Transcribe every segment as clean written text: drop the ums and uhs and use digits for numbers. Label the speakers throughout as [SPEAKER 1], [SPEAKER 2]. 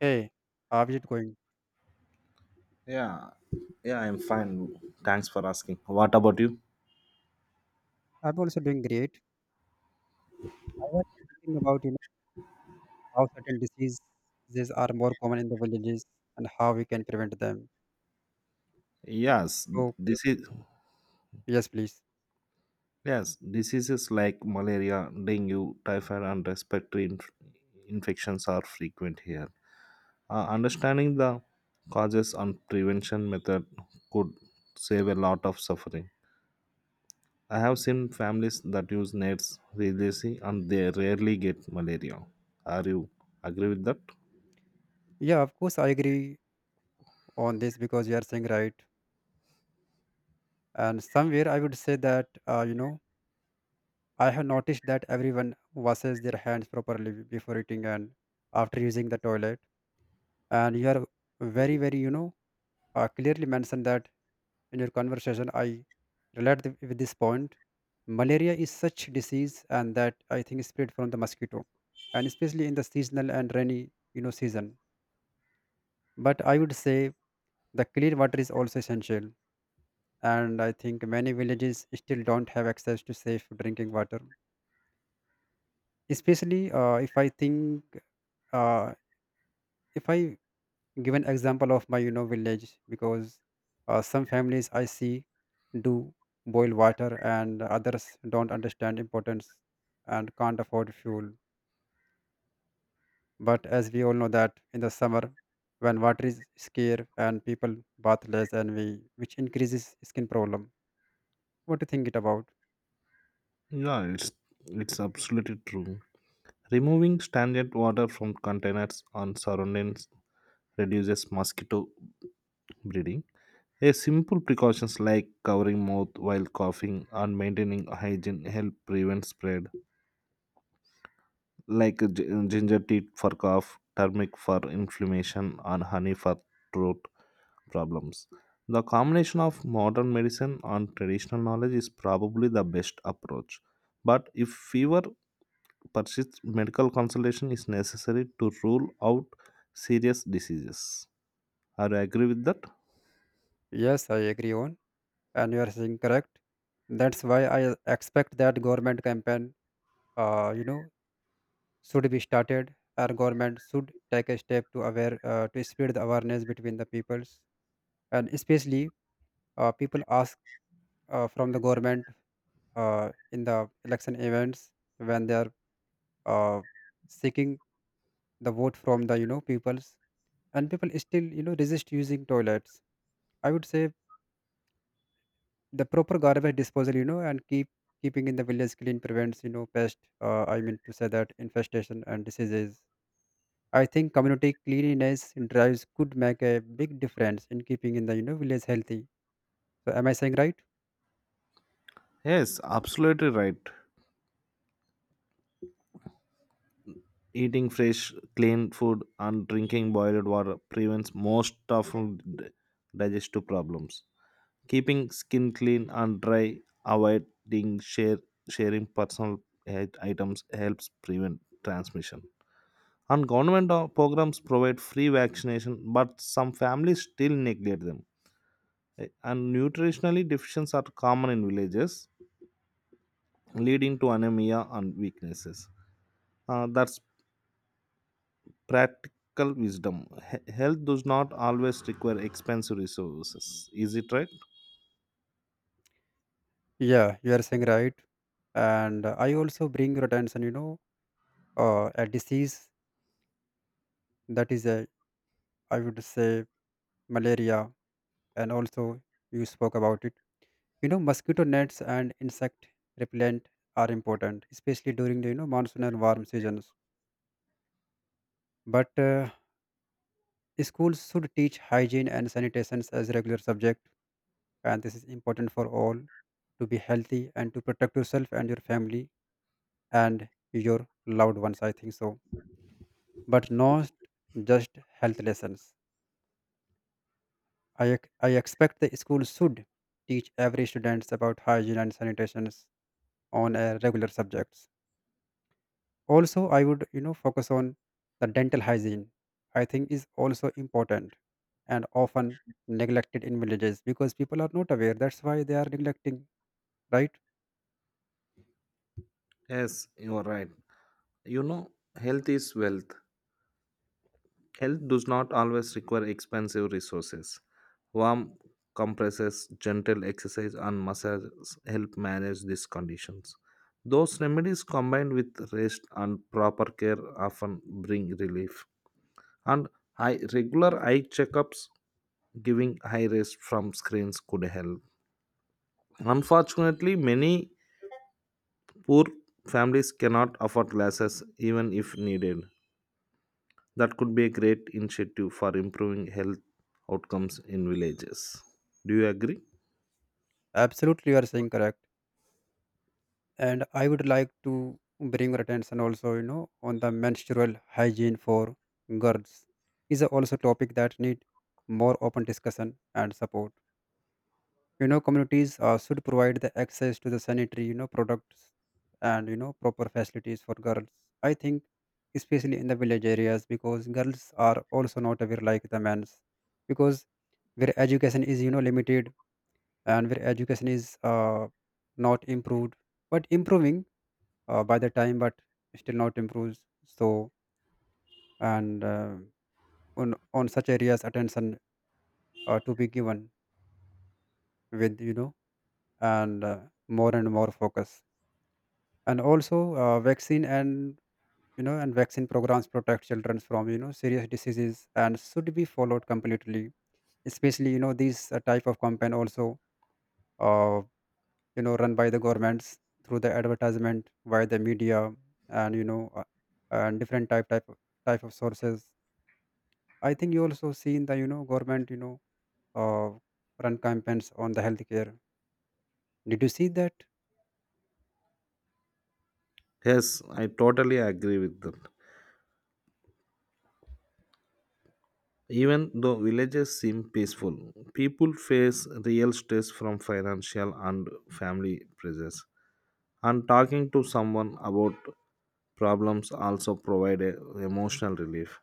[SPEAKER 1] Hey, how is it going?
[SPEAKER 2] Yeah, yeah, I'm fine. Thanks for asking. What about you?
[SPEAKER 1] I'm also doing great. I was thinking about, you know, how certain diseases are more common in the villages and how we can prevent them.
[SPEAKER 2] Yes,
[SPEAKER 1] So,
[SPEAKER 2] this is
[SPEAKER 1] yes, please.
[SPEAKER 2] yes, diseases like malaria, dengue, typhoid, and respiratory infections are frequent here. Understanding the causes and prevention method could save a lot of suffering. I have seen families that use nets religiously, and they rarely get malaria. Are you agree with that?
[SPEAKER 1] Yeah, of course, I agree on this because you are saying right. And somewhere I would say that, you know, I have noticed that everyone washes their hands properly before eating and after using the toilet. And you are very, very, clearly mentioned that in your conversation, I with this point. Malaria is such disease, and that I think is spread from the mosquito, and especially in the seasonal and rainy, you know, season. But I would say the clean water is also essential, and I think many villages still don't have access to safe drinking water. Especially if I think, uh, if I give an example of my, you know, village because, some families I see do boil water and others don't understand importance and can't afford fuel. But as we all know that in the summer when water is scarce and people bath less, and we which increases skin problem. What do you think it about?
[SPEAKER 2] Yeah, it's absolutely true. Removing stagnant water from containers on surroundings reduces mosquito breeding. A simple precautions like covering mouth while coughing and maintaining hygiene help prevent spread, like ginger tea for cough, turmeric for inflammation, and honey for throat problems. The combination of modern medicine and traditional knowledge is probably the best approach. But if fever persists, medical consultation is necessary to rule out serious diseases. Are you agree with that?
[SPEAKER 1] Yes, I agree on, and you are saying correct. That's why I expect that government campaign, you know, should be started. Our government should take a step to aware, to spread the awareness between the peoples, and especially, people ask, from the government, in the election events when they are, uh, seeking the vote from the, you know, peoples, and people still, you know, resist using toilets. I would say the proper garbage disposal, you know, and keeping in the village clean prevents, you know, pest. I mean to say that infestation and diseases. I think community cleanliness drives could make a big difference in keeping in the, you know, village healthy. So am I saying right?
[SPEAKER 2] Yes, absolutely right. Eating fresh, clean food and drinking boiled water prevents most of digestive problems. Keeping skin clean and dry, avoiding sharing personal items helps prevent transmission. And government programs provide free vaccination, but some families still neglect them. And nutritionally deficiencies are common in villages, leading to anemia and weaknesses. That's practical wisdom. Health does not always require expensive resources. Is it right?
[SPEAKER 1] Yeah, you are saying right. And I also bring your attention, you know, a disease that is a, I would say, malaria, and also you spoke about it. You know, mosquito nets and insect repellent are important, especially during the, you know, monsoon and warm seasons. But schools should teach hygiene and sanitation as regular subject, and this is important for all to be healthy and to protect yourself and your family and your loved ones, I think so. But not just health lessons, I expect the school should teach every students about hygiene and sanitations on a regular subjects. Also, I would, you know, focus on the dental hygiene. I think is also important and often neglected in villages because people are not aware, that's why they are neglecting, right?
[SPEAKER 2] Yes, you are right. You know, health is wealth. Health does not always require expensive resources. Warm compresses, gentle exercise, and massages help manage these conditions. Those remedies combined with rest and proper care often bring relief. And regular eye checkups, giving high rest from screens could help. Unfortunately, many poor families cannot afford glasses even if needed. That could be a great initiative for improving health outcomes in villages. Do you agree?
[SPEAKER 1] Absolutely, you are saying correct. And I would like to bring your attention also, you know, on the menstrual hygiene for girls is a also topic that need more open discussion and support. You know, communities, should provide the access to the sanitary, you know, products and, you know, proper facilities for girls, I think, especially in the village areas, because girls are also not aware like the men's, because where education is, you know, limited and where education is, not improved, but improving, by the time, but still not improves. So, and on such areas attention, to be given with, you know, and, more and more focus. And also, vaccine and, you know, and vaccine programs protect children from, you know, serious diseases and should be followed completely, especially, you know, these, type of campaign also, uh, you know, run by the governments through the advertisement via the media, and, you know, and different type of sources. I think you also seen the, you know, government, you know, uh, run campaigns on the healthcare. Did you see that?
[SPEAKER 2] Yes, I totally agree with that. Even though villages seem peaceful, people face real stress from financial and family pressures. And talking to someone about problems also provide a emotional relief.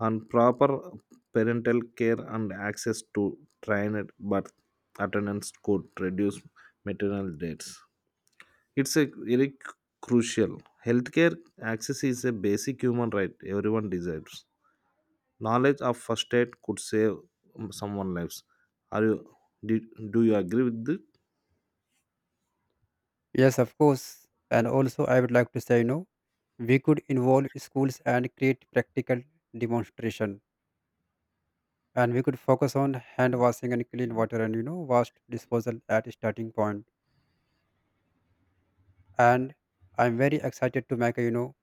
[SPEAKER 2] And proper parental care and access to trained birth attendants could reduce maternal deaths. It's a very crucial. Healthcare access is a basic human right everyone deserves. Knowledge of first aid could save someone lives. Are you do, do you agree with it?
[SPEAKER 1] Yes, of course. And also, I would like to say, you know, we could involve schools and create practical demonstration, and we could focus on hand washing and clean water and, you know, waste disposal at starting point. And I'm very excited to make a, you know,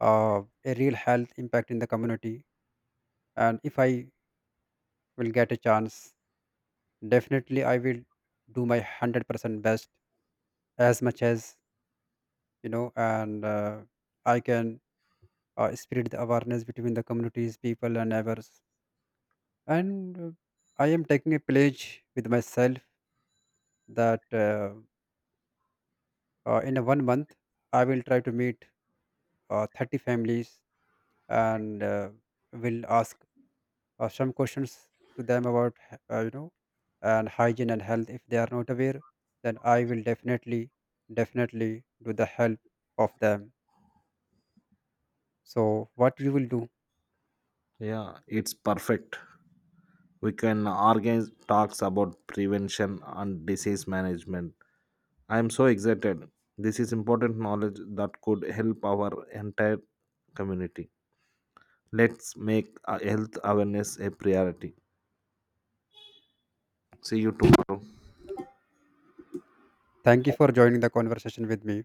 [SPEAKER 1] a real health impact in the community. And if I will get a chance, definitely I will do my 100% best as much as, you know, and I can spread the awareness between the communities people and neighbors. And I am taking a pledge with myself that in a 1 month I will try to meet, 30 families, and will ask, some questions to them about, uh, you know and hygiene and health. If they are not aware, then I will definitely do the help of them. So what you will do?
[SPEAKER 2] Yeah, it's perfect. We can organize talks about prevention and disease management. I am so excited. This is important knowledge that could help our entire community. Let's make health awareness a priority. See you tomorrow.
[SPEAKER 1] Thank you for joining the conversation with me.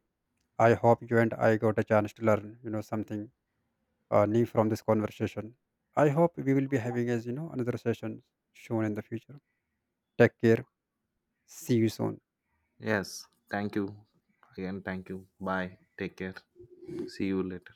[SPEAKER 1] I hope you and I got a chance to learn, you know, something new from this conversation. I hope we will be having, as you know, another session soon in the future. Take care. See you soon.
[SPEAKER 2] Yes, thank you. Again, thank you. Bye, take care. See you later.